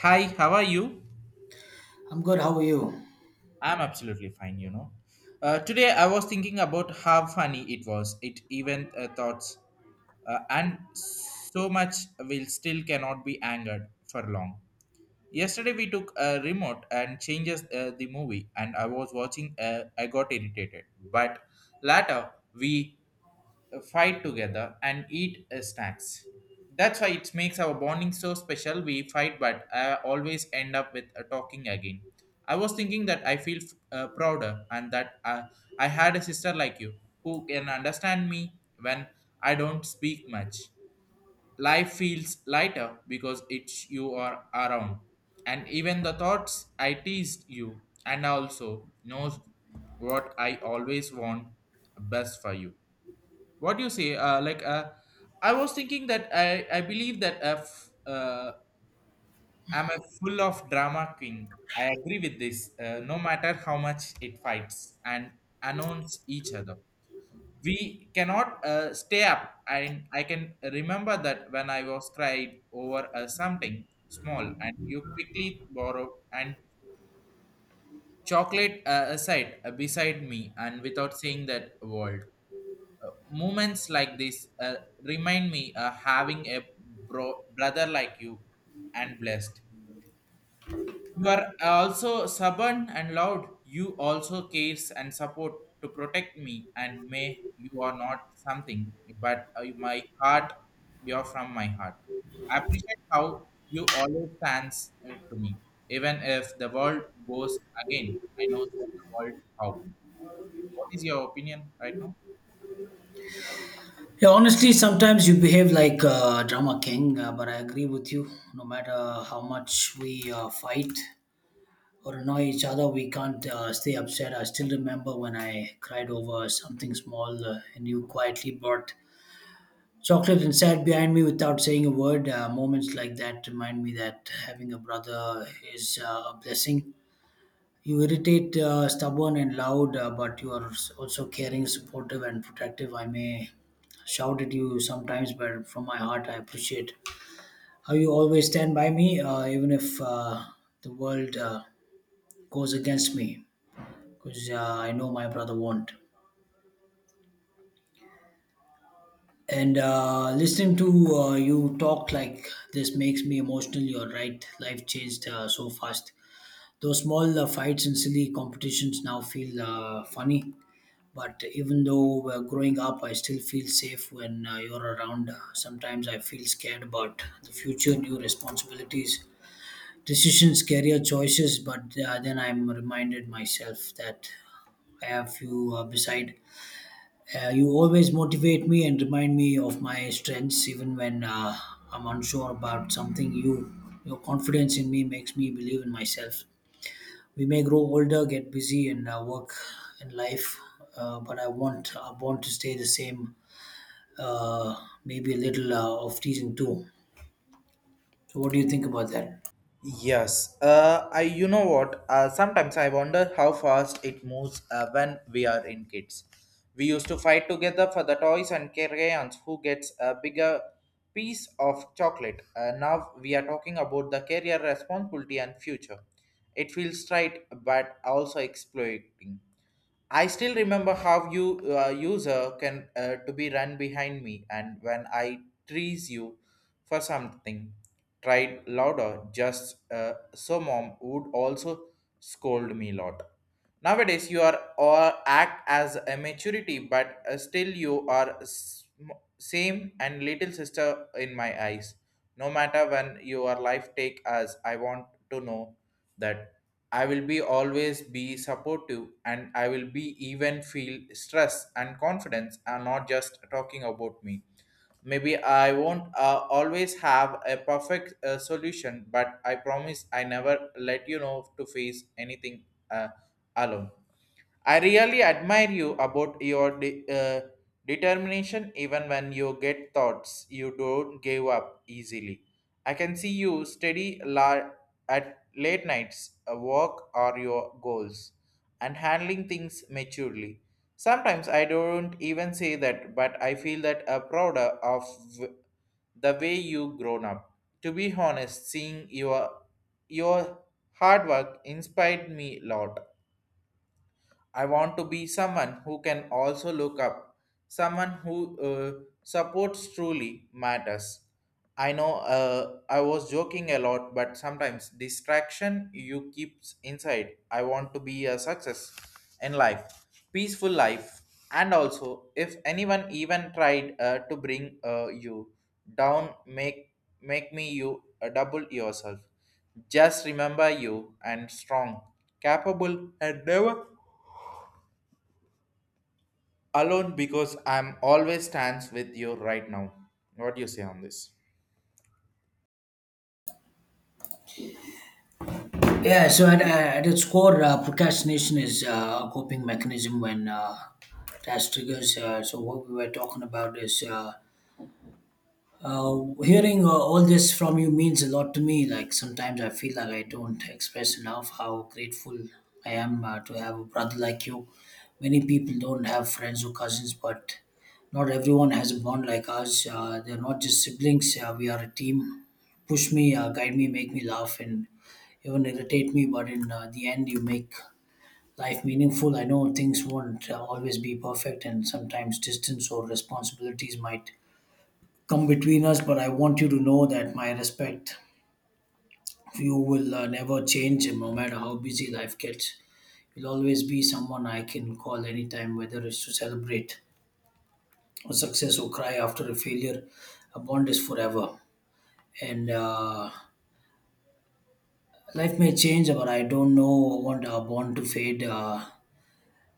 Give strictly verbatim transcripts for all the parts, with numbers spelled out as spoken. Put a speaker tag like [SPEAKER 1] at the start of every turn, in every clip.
[SPEAKER 1] Hi, how are you?
[SPEAKER 2] I'm good. How are you?
[SPEAKER 1] I'm absolutely fine, you know. Uh, today I was thinking about how funny it was. It even uh, thoughts uh, and so much will still cannot be angered for long. Yesterday we took a remote and changes uh, the movie and I was watching uh, I got irritated. But later we fight together and eat uh, snacks. That's why it makes our bonding so special. We fight, but I always end up with uh, talking again. I was thinking that I feel uh, prouder and that uh, I had a sister like you who can understand me when I don't speak much. Life feels lighter because it's you are around, and even the thoughts I teased you and also knows what I always want best for you, what do you say uh, like uh, i was thinking that i i believe that uh, f- uh, I'm a full of drama queen. I agree with this, uh, no matter how much it fights and announce each other, we cannot uh, stay up, and I can remember that when I was cried over uh, something small and you quickly borrowed and chocolate, uh, aside, uh, beside me and without saying that word. Uh, moments like this uh, remind me uh, having a bro- brother like you and blessed. You are also stubborn and loud, you also cares and support to protect me, and may you are not something, but uh, my heart, you are from my heart. I appreciate how you always stands uh, to me, even if the world goes again. I know the world how, what is your opinion right now?
[SPEAKER 2] Yeah, honestly, sometimes you behave like uh, drama king, uh, but I agree with you. No matter how much we uh, fight or annoy each other, we can't uh, stay upset. I still remember when I cried over something small uh, and you quietly brought chocolate and sat behind me without saying a word. Uh, moments like that remind me that having a brother is uh, a blessing. You irritate, uh, stubborn, and loud, uh, but you are also caring, supportive, and protective. I may shout at you sometimes, but from my heart, I appreciate how you always stand by me, uh, even if uh, the world uh, goes against me, because uh, I know my brother won't. And uh, listening to uh, you talk like this makes me emotional. You're right. Life changed uh, so fast. Those small uh, fights and silly competitions now feel uh, funny. But even though uh, growing up, I still feel safe when uh, you're around. Sometimes I feel scared about the future, new responsibilities, decisions, career choices. But uh, then I'm reminded myself that I have you uh, beside. Uh, you always motivate me and remind me of my strengths, even when uh, I'm unsure about something. You, your confidence in me makes me believe in myself. We may grow older, get busy and uh, work in life, uh, but I want I want to stay the same. Uh, Maybe a little uh, of teasing too. So, what do you think about that?
[SPEAKER 1] Yes, uh, I, you know what? Uh, sometimes I wonder how fast it moves uh, when we are in kids. We used to fight together for the toys and crayons, who gets a bigger piece of chocolate. Uh, now we are talking about the career responsibility and future. It feels right, but also exploiting. I still remember how you, uh, user can, uh, to be run behind me, and when I tease you for something, tried louder. Just uh, so mom would also scold me lot. Nowadays you are or act as a maturity, but uh, still you are sm- same and little sister in my eyes. No matter when your life take us, I want to know that I will be always be supportive, and I will be even feel stress and confidence are not just talking about me. Maybe I won't uh, always have a perfect uh, solution, but I promise I never let you know to face anything uh, alone. I really admire you about your de- uh, determination, even when you get thoughts you don't give up easily. I can see you steady la- at late nights, a walk or your goals, and handling things maturely. Sometimes I don't even say that, but I feel that a prouder of w- the way you grown up. To be honest, seeing your your hard work inspired me a lot. I want to be someone who can also look up, someone who uh, supports truly matters. I know, uh, I was joking a lot, but sometimes distraction you keeps inside. I want to be a success in life, peaceful life, and also if anyone even tried uh, to bring uh, you down, make make me you uh, double yourself. Just remember you and strong, capable, and never alone, because I'm always stands with you right now. What do you say on this?
[SPEAKER 2] Yeah. So, at, at its core, uh, procrastination is uh, a coping mechanism when uh, task triggers. Uh, so, what we were talking about is. Uh, Uh, hearing uh, all this from you means a lot to me. Like sometimes I feel like I don't express enough how grateful I am uh, to have a brother like you. Many people don't have friends or cousins, but not everyone has a bond like ours. Uh, they're not just siblings. Uh, we are a team. Push me, uh, guide me, make me laugh, and even irritate me. But in uh, the end, you make life meaningful. I know things won't uh, always be perfect, and sometimes distance or responsibilities might come between us, but I want you to know that my respect for you will uh, never change, and no matter how busy life gets. You'll always be someone I can call anytime, whether it's to celebrate a success or cry after a failure. A bond is forever. And uh, life may change, but I don't know, want our bond to fade. Uh,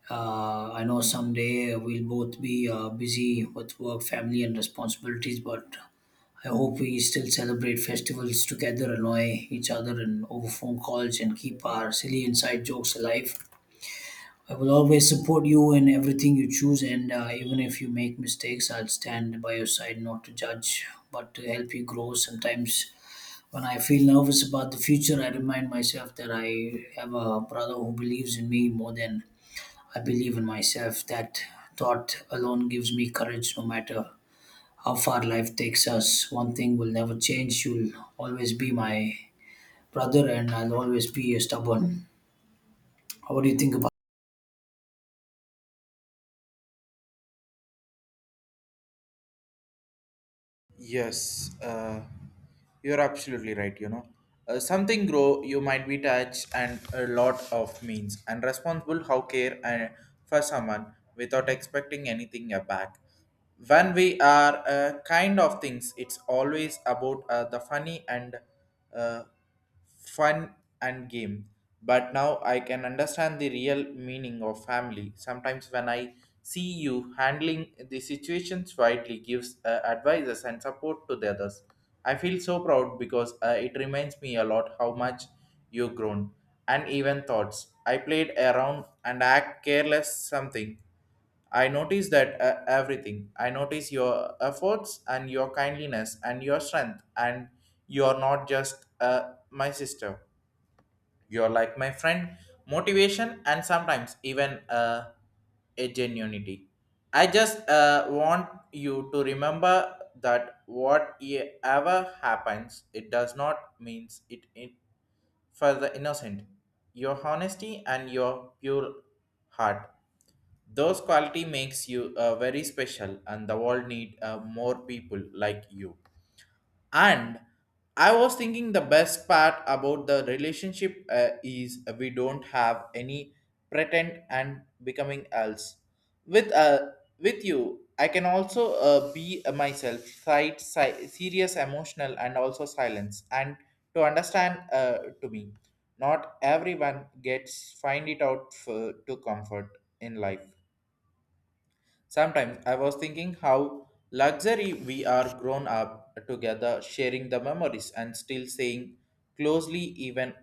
[SPEAKER 2] Uh, I know someday we'll both be uh, busy with work, family, and responsibilities, but I hope we still celebrate festivals together, annoy each other and over phone calls, and keep our silly inside jokes alive. I will always support you in everything you choose, and uh, even if you make mistakes, I'll stand by your side, not to judge, but to help you grow. Sometimes, when I feel nervous about the future, I remind myself that I have a brother who believes in me more than I believe in myself. That thought alone gives me courage no matter how far life takes us. One thing will never change. You'll always be my brother, and I'll always be a stubborn. How do you think about it?
[SPEAKER 1] Yes, uh, you're absolutely right. You know, uh, something grow you might be touched and a lot of means and responsible how care and for someone without expecting anything uh, back. When we are uh, kind of things, it's always about uh, the funny and uh, fun and game. But now I can understand the real meaning of family. Sometimes when I see you handling the situations wisely, gives uh, advices and support to the others. I feel so proud because uh, it reminds me a lot how much you've grown and even thoughts. I played around and act careless something, I notice that uh, everything. I notice your efforts and your kindliness and your strength, and you're not just uh, my sister. You're like my friend, motivation, and sometimes even uh, a genuinity. I just uh, want you to remember that what e- ever happens, it does not means it, it for the innocent. Your honesty and your pure heart, those quality makes you uh, very special, and the world need uh, more people like you. And I was thinking the best part about the relationship uh, is we don't have any pretend and becoming else. With uh, with you, I can also uh, be myself, side, si- serious, emotional, and also silence, and to understand uh, to me. Not everyone gets find it out for, to comfort in life. Sometimes I was thinking how luxury we are grown up together, sharing the memories and still staying closely even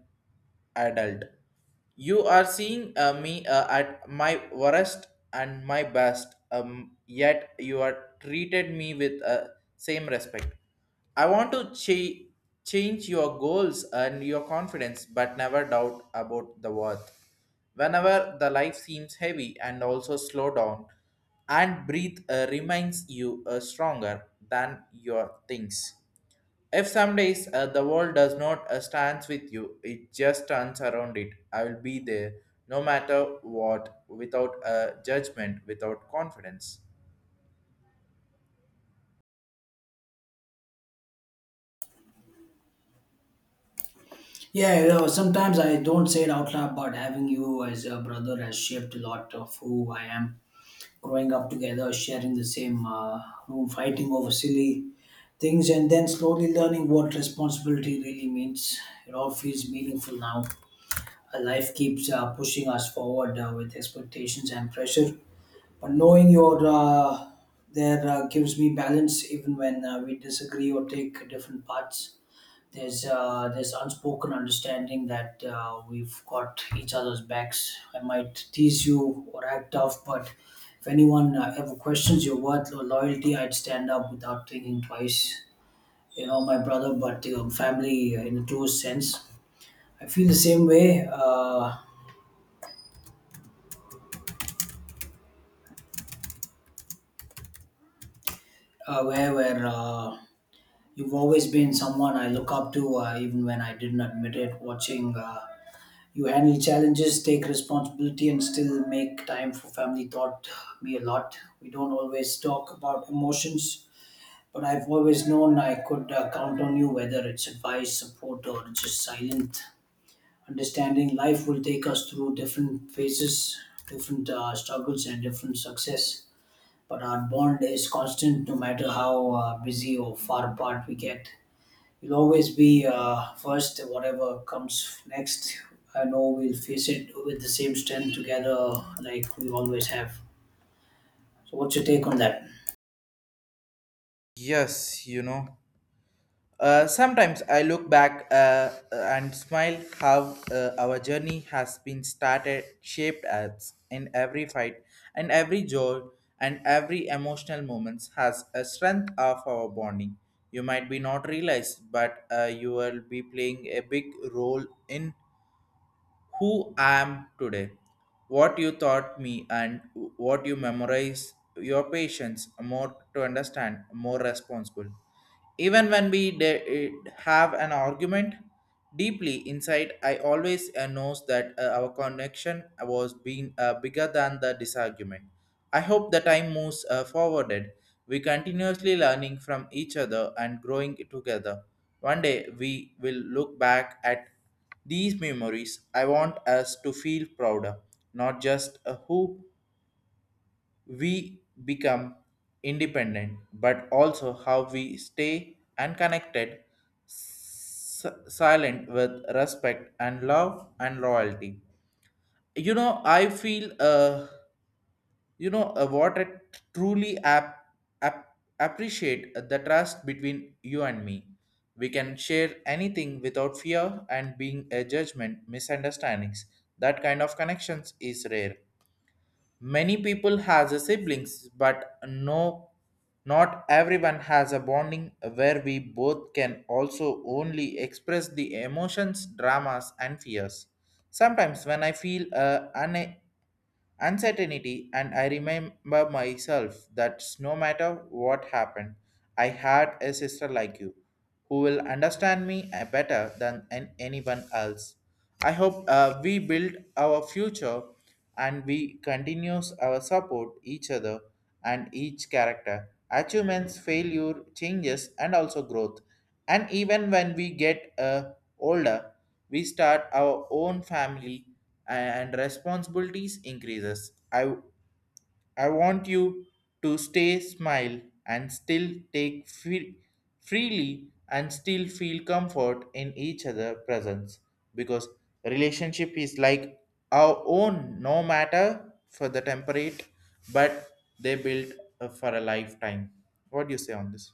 [SPEAKER 1] adult. You are seeing uh, me uh, at my worst and my best, um, yet you are treated me with uh, same respect. I want to cha- change your goals and your confidence, but never doubt about the worth. Whenever the life seems heavy and also slow down and breathe, uh, reminds you uh, stronger than your things. If some days uh, the world does not uh, stands with you, it just turns around it. I will be there no matter what, without uh, judgment, without confidence.
[SPEAKER 2] Yeah, you know, sometimes I don't say it out loud, but having you as a brother has shaped a lot of who I am. Growing up together, sharing the same uh, room, fighting over silly things, and then slowly learning what responsibility really means. It all feels meaningful now. Uh, life keeps uh, pushing us forward uh, with expectations and pressure. But knowing you're uh, there uh, gives me balance even when uh, we disagree or take different paths. There's uh, there's unspoken understanding that uh, we've got each other's backs. I might tease you or act tough, but if anyone uh, ever questions your worth or loyalty, I'd stand up without thinking twice. You know, my brother, but um, family uh, in a close sense. I feel the same way. Uh, uh, where where uh, You've always been someone I look up to, uh, even when I didn't admit it. Watching uh, you handle challenges, take responsibility, and still make time for family taught me a lot. We don't always talk about emotions, but I've always known I could uh, count on you, whether it's advice, support, or just silent understanding. Life will take us through different phases, different uh, struggles, and different success, but our bond is constant no matter how uh, busy or far apart we get. We'll always be uh, first, whatever comes next. I know we'll face it with the same strength together like we always have. So, what's your take on that?
[SPEAKER 1] Yes, you know. Uh, sometimes I look back uh, and smile how uh, our journey has been started, shaped us in every fight and every joy, and every emotional moments has a strength of our bonding. You might be not realized, but uh, you will be playing a big role in who I am today, what you taught me, and what you memorize. Your patience more to understand, more responsible, even when we de- eh, have an argument deeply inside, I always uh, knows that uh, our connection was being uh, bigger than the disagreement. I hope the time moves uh, forwarded. We continuously learning from each other and growing together. One day we will look back at these memories. I want us to feel prouder, not just uh, who we become independent, but also how we stay unconnected, s- silent with respect and love and loyalty. You know, I feel, uh, you know, uh, what I truly ap- ap- appreciate the trust between you and me. We can share anything without fear and being a judgment, misunderstandings. That kind of connections is rare. Many people has a siblings, but no, not everyone has a bonding where we both can also only express the emotions, dramas, and fears. Sometimes when I feel uh, unable uncertainty, and I remember myself that no matter what happened, I had a sister like you who will understand me uh, better than an- anyone else. I hope uh, we build our future, and we continues our support each other, and each character achievements, failure, changes, and also growth. And even when we get uh, older, we start our own family and responsibilities increases. I I want you to stay smile and still take free, freely, and still feel comfort in each other presence, because relationship is like our own no matter for the temperate, but they build uh, for a lifetime. What do you say on this?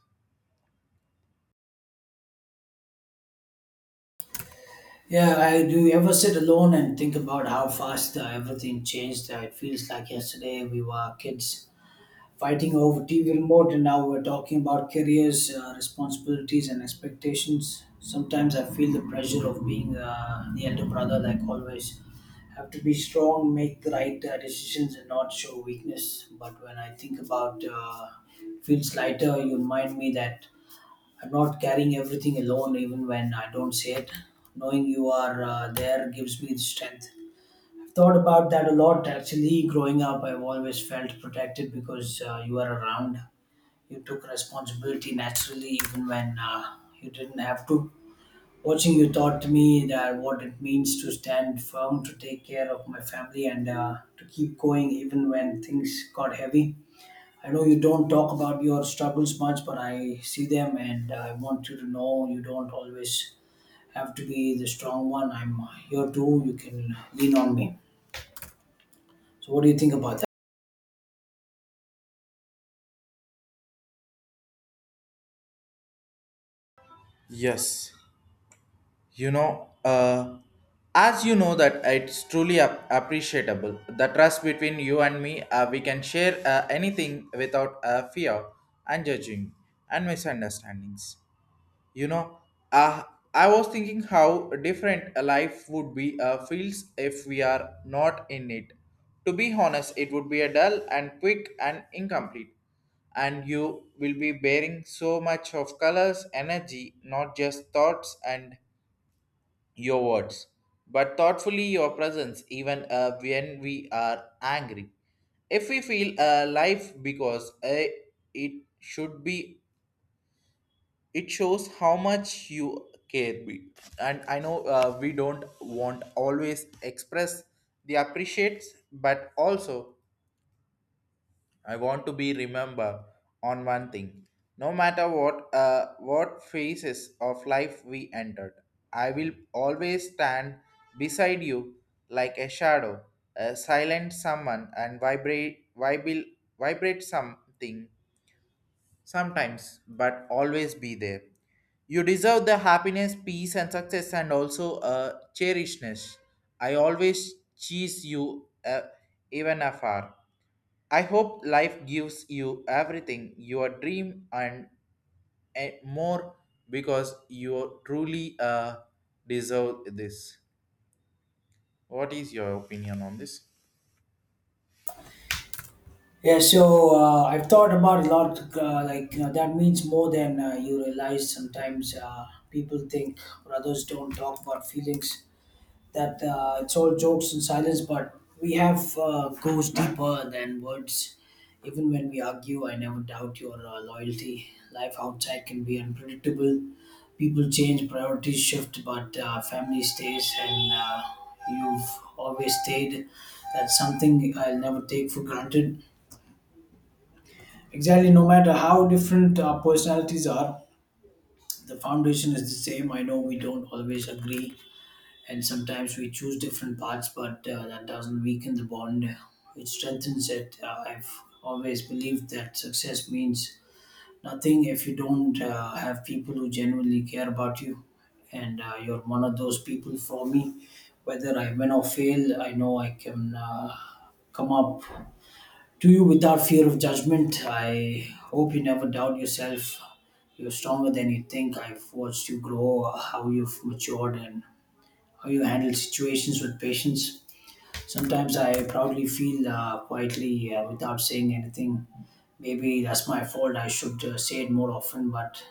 [SPEAKER 2] Yeah, I do. You ever sit alone and think about how fast uh, everything changed? Uh, it feels like yesterday we were kids fighting over T V remote, and now we're talking about careers, uh, responsibilities, and expectations. Sometimes I feel the pressure of being uh, the elder brother, like always. Have to be strong, make the right uh, decisions, and not show weakness. But when I think about uh, feels lighter, you remind me that I'm not carrying everything alone, even when I don't say it. Knowing you are uh, there gives me the strength. Thought about that a lot actually. Growing up, I've always felt protected because uh, you were around. You took responsibility naturally, even when uh, you didn't have to. Watching you taught me that what it means to stand firm, to take care of my family, and uh, to keep going even when things got heavy. I know you don't talk about your struggles much, but I see them, and I want you to know you don't always have to be the strong one. I'm here too. You can lean on me. So, what do you think about that?
[SPEAKER 1] Yes, you know, uh, as you know that it's truly ap- appreciable the trust between you and me. Uh, we can share uh, anything without uh, fear and judging and misunderstandings, you know. uh, I was thinking how different a life would be, uh, feels if we are not in it. To be honest, it would be a dull and quick and incomplete, and you will be bearing so much of colors energy, not just thoughts and your words, but thoughtfully your presence, even uh, when we are angry. If we feel uh, life because uh, it should be, it shows how much you care. Be. And I know uh, we don't want always express the appreciates, but also I want to be remember on one thing. No matter what uh, what phases of life we entered, I will always stand beside you like a shadow, a silent someone and vibrate vibrate vibrate something sometimes, but always be there. You deserve the happiness, peace and success and also a cherishness. I always cheese you uh, even afar. I hope life gives you everything your dream and eh, more, because you truly uh, deserve this. What is your opinion on this?
[SPEAKER 2] Yeah, so uh, I've thought about a lot. Uh, like you know, that means more than uh, you realize. Sometimes uh, people think or others don't talk about feelings. That uh, it's all jokes and silence, but we have uh, goes deeper than words. Even when we argue, I never doubt your uh, loyalty. Life outside can be unpredictable. People change, priorities shift, but uh, family stays, and uh, you've always stayed. That's something I'll never take for granted. Exactly, no matter how different our personalities are, the foundation is the same. I know we don't always agree, and sometimes we choose different paths, but uh, that doesn't weaken the bond, it strengthens it. Uh, I've always believed that success means nothing if you don't uh, have people who genuinely care about you. And uh, you're one of those people for me. Whether I win or fail, I know I can uh, come up to you without fear of judgment. I hope you never doubt yourself. You're stronger than you think. I've watched you grow, how you've matured, and how you handle situations with patience. Sometimes I proudly feel uh, quietly uh, without saying anything. Maybe that's my fault. I should uh, say it more often, but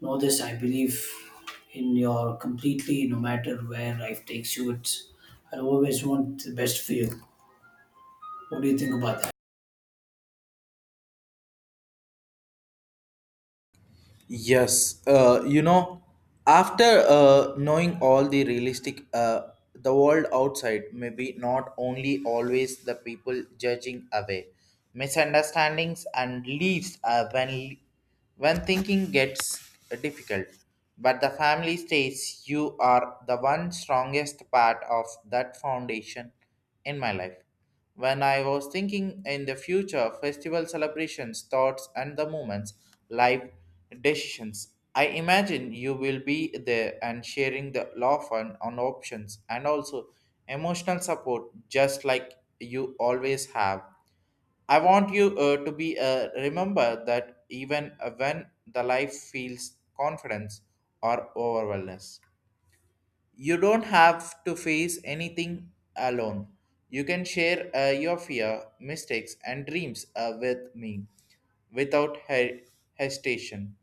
[SPEAKER 2] know this, I believe in your completely, no matter where life takes you. It's, I always want the best for you. What do you think about that?
[SPEAKER 1] Yes, uh, you know, after uh, knowing all the realistic, uh, the world outside maybe not only always the people judging away, misunderstandings and leaves uh, when when thinking gets difficult. But the family stays. You are the one strongest part of that foundation in my life. When I was thinking in the future, festival celebrations, thoughts, and the moments, life decisions, I imagine you will be there and sharing the law fund on options and also emotional support, just like you always have. I want you uh, to be uh, remember that even when the life feels confidence or overwhelmness. You don't have to face anything alone. You can share uh, your fear, mistakes, and dreams uh, with me without he- hesitation.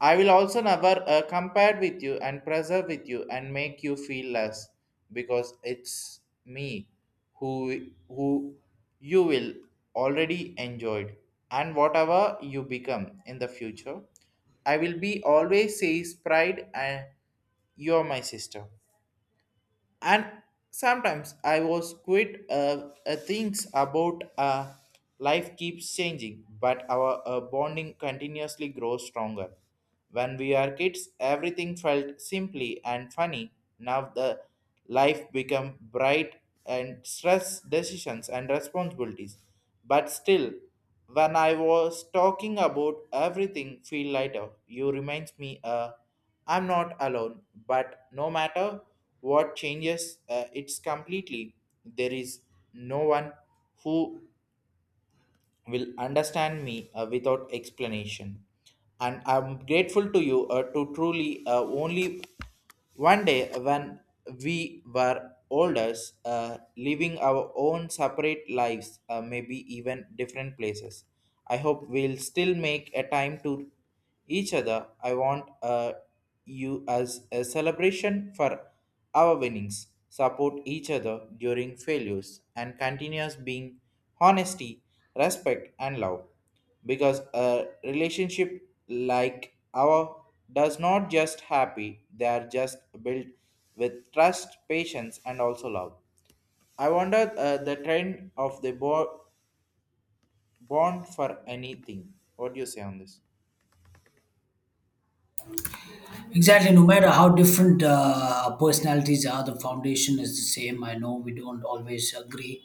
[SPEAKER 1] I will also never uh, compare with you and preserve with you and make you feel less because it's me who who you will already enjoyed, and whatever you become in the future I will be always says pride and you're my sister. And sometimes I was quit uh, uh, things about uh, life keeps changing, but our uh, bonding continuously grows stronger. When we are kids everything felt simply and funny. Now the life become bright and stress decisions and responsibilities, but still when I was talking about everything feel lighter, you reminds me, uh, I'm not alone, but no matter what changes, uh, it's completely. There is no one who will understand me uh, without explanation. And I'm grateful to you uh, to truly uh, only one day when we were older, uh, living our own separate lives, uh, maybe even different places. I hope we'll still make a time to each other. I want uh, you as a celebration for our winnings. Support each other during failures and continuous being honesty, respect, and love. Because a relationship like our does not just happy, they are just built with trust, patience, and also love. I wonder uh, the trend of the bo- bond for anything. What do you say on this?
[SPEAKER 2] Exactly, no matter how different uh, personalities are, the foundation is the same. I know we don't always agree,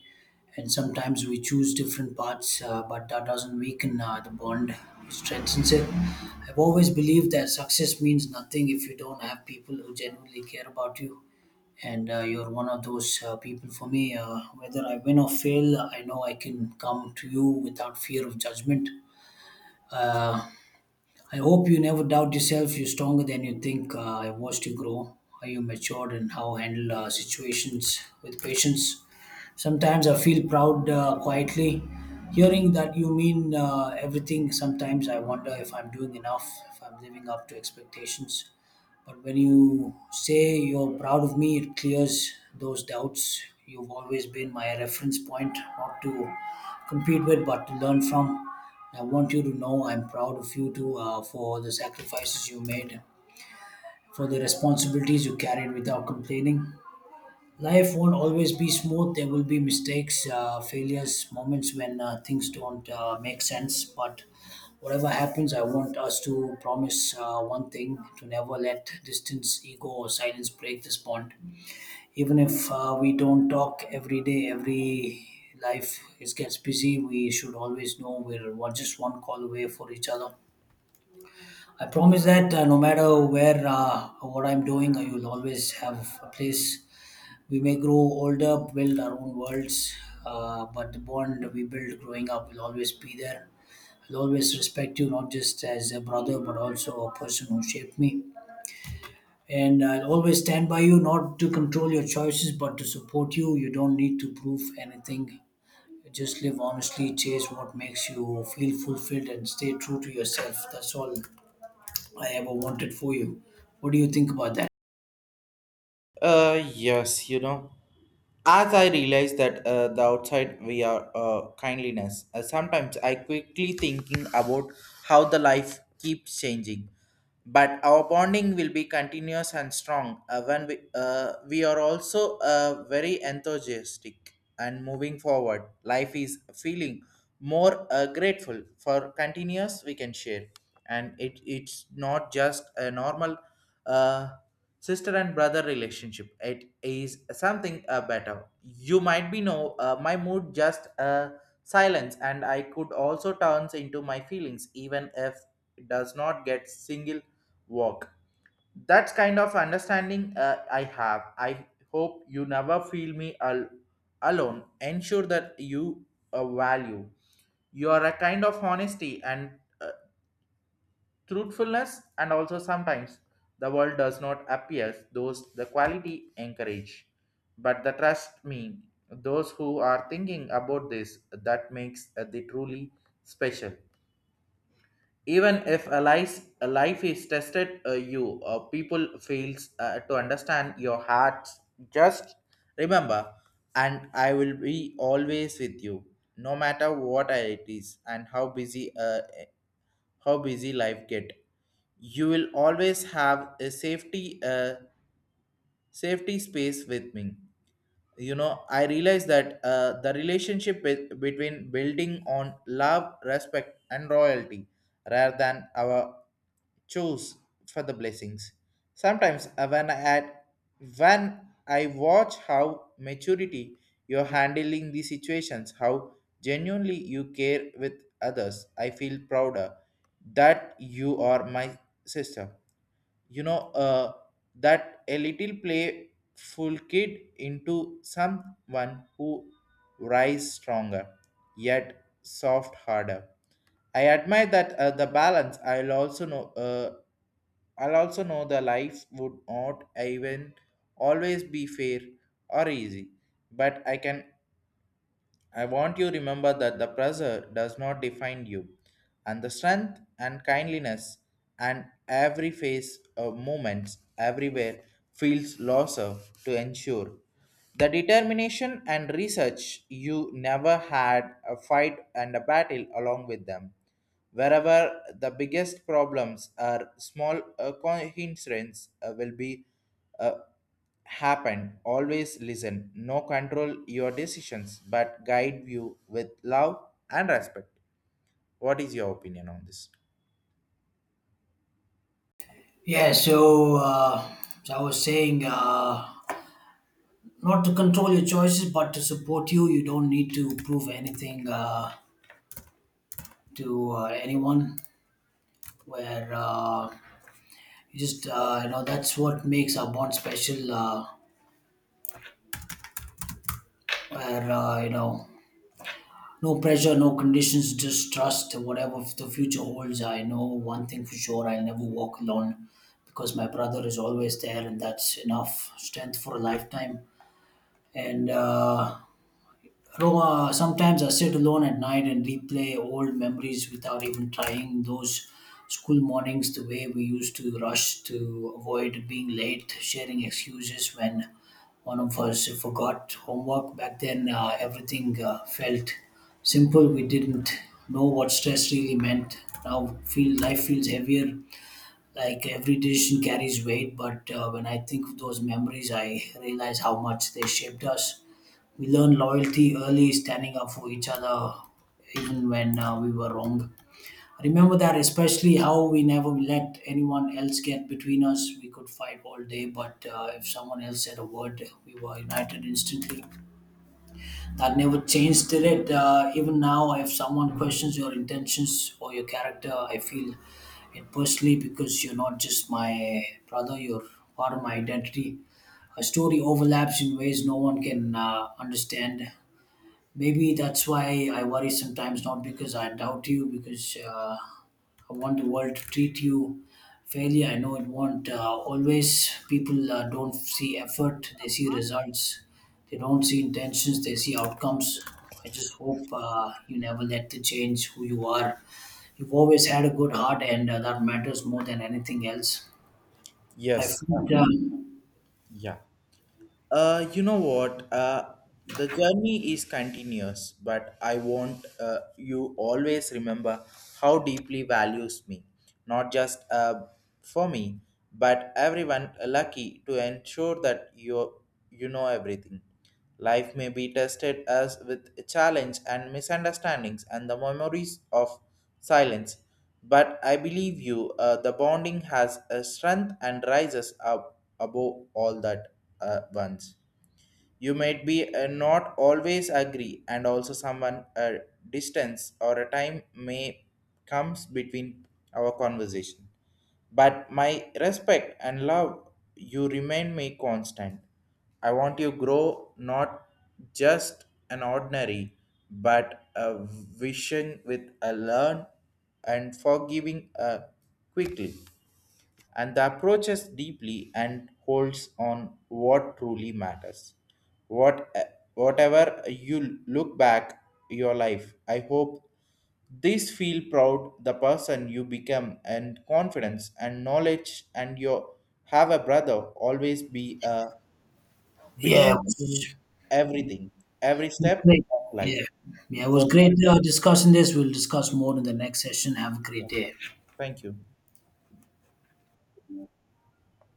[SPEAKER 2] and sometimes we choose different paths, uh, but that doesn't weaken uh, the bond, it strengthens it. I've always believed that success means nothing if you don't have people who genuinely care about you, and uh, you're one of those uh, people for me. Uh, whether I win or fail, I know I can come to you without fear of judgment. Uh, I hope you never doubt yourself. You're stronger than you think. Uh, I watched you grow, how you matured, and how handle uh, situations with patience. Sometimes I feel proud uh, quietly, hearing that you mean uh, everything. Sometimes I wonder if I'm doing enough, if I'm living up to expectations. But when you say you're proud of me, it clears those doubts. You've always been my reference point, not to compete with, but to learn from. I want you to know I'm proud of you too uh, for the sacrifices you made, for the responsibilities you carried without complaining. Life won't always be smooth. There will be mistakes, uh, failures, moments when uh, things don't uh, make sense. But whatever happens, I want us to promise uh, one thing, to never let distance, ego, or silence break this bond. Even if uh, we don't talk every day, every life is gets busy, we should always know we're one- just one call away for each other. I promise that uh, no matter where uh, or what I'm doing, I will always have a place. We may grow older, build our own worlds, uh, but the bond we build growing up will always be there. I'll always respect you, not just as a brother, but also a person who shaped me. And I'll always stand by you, not to control your choices, but to support you. You don't need to prove anything. Just live honestly, chase what makes you feel fulfilled, and stay true to yourself. That's all I ever wanted for you. What do you think about that?
[SPEAKER 1] Uh, yes, you know, as I realize that uh, the outside we are uh, kindliness, uh, sometimes I quickly thinking about how the life keeps changing, but our bonding will be continuous and strong uh, when we uh, we are also uh, very enthusiastic and moving forward. Life is feeling more uh, grateful for continuous we can share, and it it's not just a normal. Uh, Sister and brother relationship, it is something uh, better. You might be know uh, my mood just uh, silence, and I could also turns into my feelings even if it does not get single walk. That's kind of understanding uh, I have. I hope you never feel me al- alone. Ensure that you uh, value. You are a kind of honesty and uh, truthfulness, and also sometimes the world does not appear those the quality encourage, but the trust me, those who are thinking about this, that makes uh, the truly special. Even if a life, a life is tested, uh, you uh, people fails uh, to understand your heart, just remember, and I will be always with you. No matter what it is and how busy uh, how busy life get, you will always have a safety a safety space with me. You know I realized that uh, the relationship with, between building on love, respect and royalty rather than our choose for the blessings. Sometimes uh, when i add, when I watch how maturity you're handling these situations, how genuinely you care with others, I feel prouder that you are my sister. You know uh, that a little playful kid into someone who rise stronger yet soft harder. I admire that uh, the balance. i'll also know uh, I'll also know the life would not even always be fair or easy, but I can. I want you remember that the pressure does not define you, and the strength and kindliness and every face, of moments everywhere feels losser to ensure. The determination and research you never had a fight and a battle along with them. Wherever the biggest problems are small uh, coincidences uh, will be uh, happen. Always listen. No control your decisions, but guide you with love and respect. What is your opinion on this?
[SPEAKER 2] Yeah, so, uh, so I was saying, uh, not to control your choices but to support you. You don't need to prove anything uh, to uh, anyone. Where uh, You just uh, you know, that's what makes our bond special, uh, where uh, you know, no pressure, no conditions, just trust. Whatever the future holds, I know one thing for sure, I'll never walk alone because my brother is always there, and that's enough strength for a lifetime. And uh, Roma, sometimes I sit alone at night and replay old memories without even trying. Those school mornings, the way we used to rush to avoid being late, sharing excuses when one of us forgot homework. Back then, uh, everything uh, felt simple. We didn't know what stress really meant. Now, feel life feels heavier. Like every decision carries weight, but uh, when I think of those memories, I realize how much they shaped us. We learn loyalty early, standing up for each other even when uh, we were wrong. I remember that, especially how we never let anyone else get between us. We could fight all day, but uh, if someone else said a word, we were united instantly. That never changed, did it? Uh, even now, if someone questions your intentions or your character, I feel it personally because you're not just my brother, you're part of my identity. A story overlaps in ways no one can uh, understand. Maybe that's why I worry sometimes, not because I doubt you, because uh, I want the world to treat you fairly. I know it won't. Uh, always, people uh, don't see effort, they see results. They don't see intentions, they see outcomes. I just hope uh, you never let the change who you are. You've always had a good heart, and uh, that matters more than anything else. I
[SPEAKER 1] Yes, uh,
[SPEAKER 2] feel, um,
[SPEAKER 1] yeah. Uh, you know what? Uh, the journey is continuous, but I want uh, you always remember how deeply values me, not just uh, for me, but everyone lucky to ensure that you you know everything. Life may be tested as with challenge and misunderstandings and the memories of silence, but I believe you, uh, the bonding has a strength and rises up above all that uh, once. You might be uh, not always agree, and also someone a distance or a time may comes between our conversation. But my respect and love, you remain me constant. I want you grow not just an ordinary, but a vision with a learn and forgiving uh, quickly and the approaches deeply and holds on what truly matters. What, whatever you look back your life, I hope this feel proud the person you become and confidence and knowledge and your have a brother always be a
[SPEAKER 2] yeah.
[SPEAKER 1] believe in everything, every
[SPEAKER 2] It's
[SPEAKER 1] step
[SPEAKER 2] great.
[SPEAKER 1] of life.
[SPEAKER 2] Yeah. Yeah,
[SPEAKER 1] It
[SPEAKER 2] it was
[SPEAKER 1] was,
[SPEAKER 2] great uh, discussing this. We'll discuss more in the next session. Have a
[SPEAKER 1] yeah,
[SPEAKER 2] great day.
[SPEAKER 1] thank you.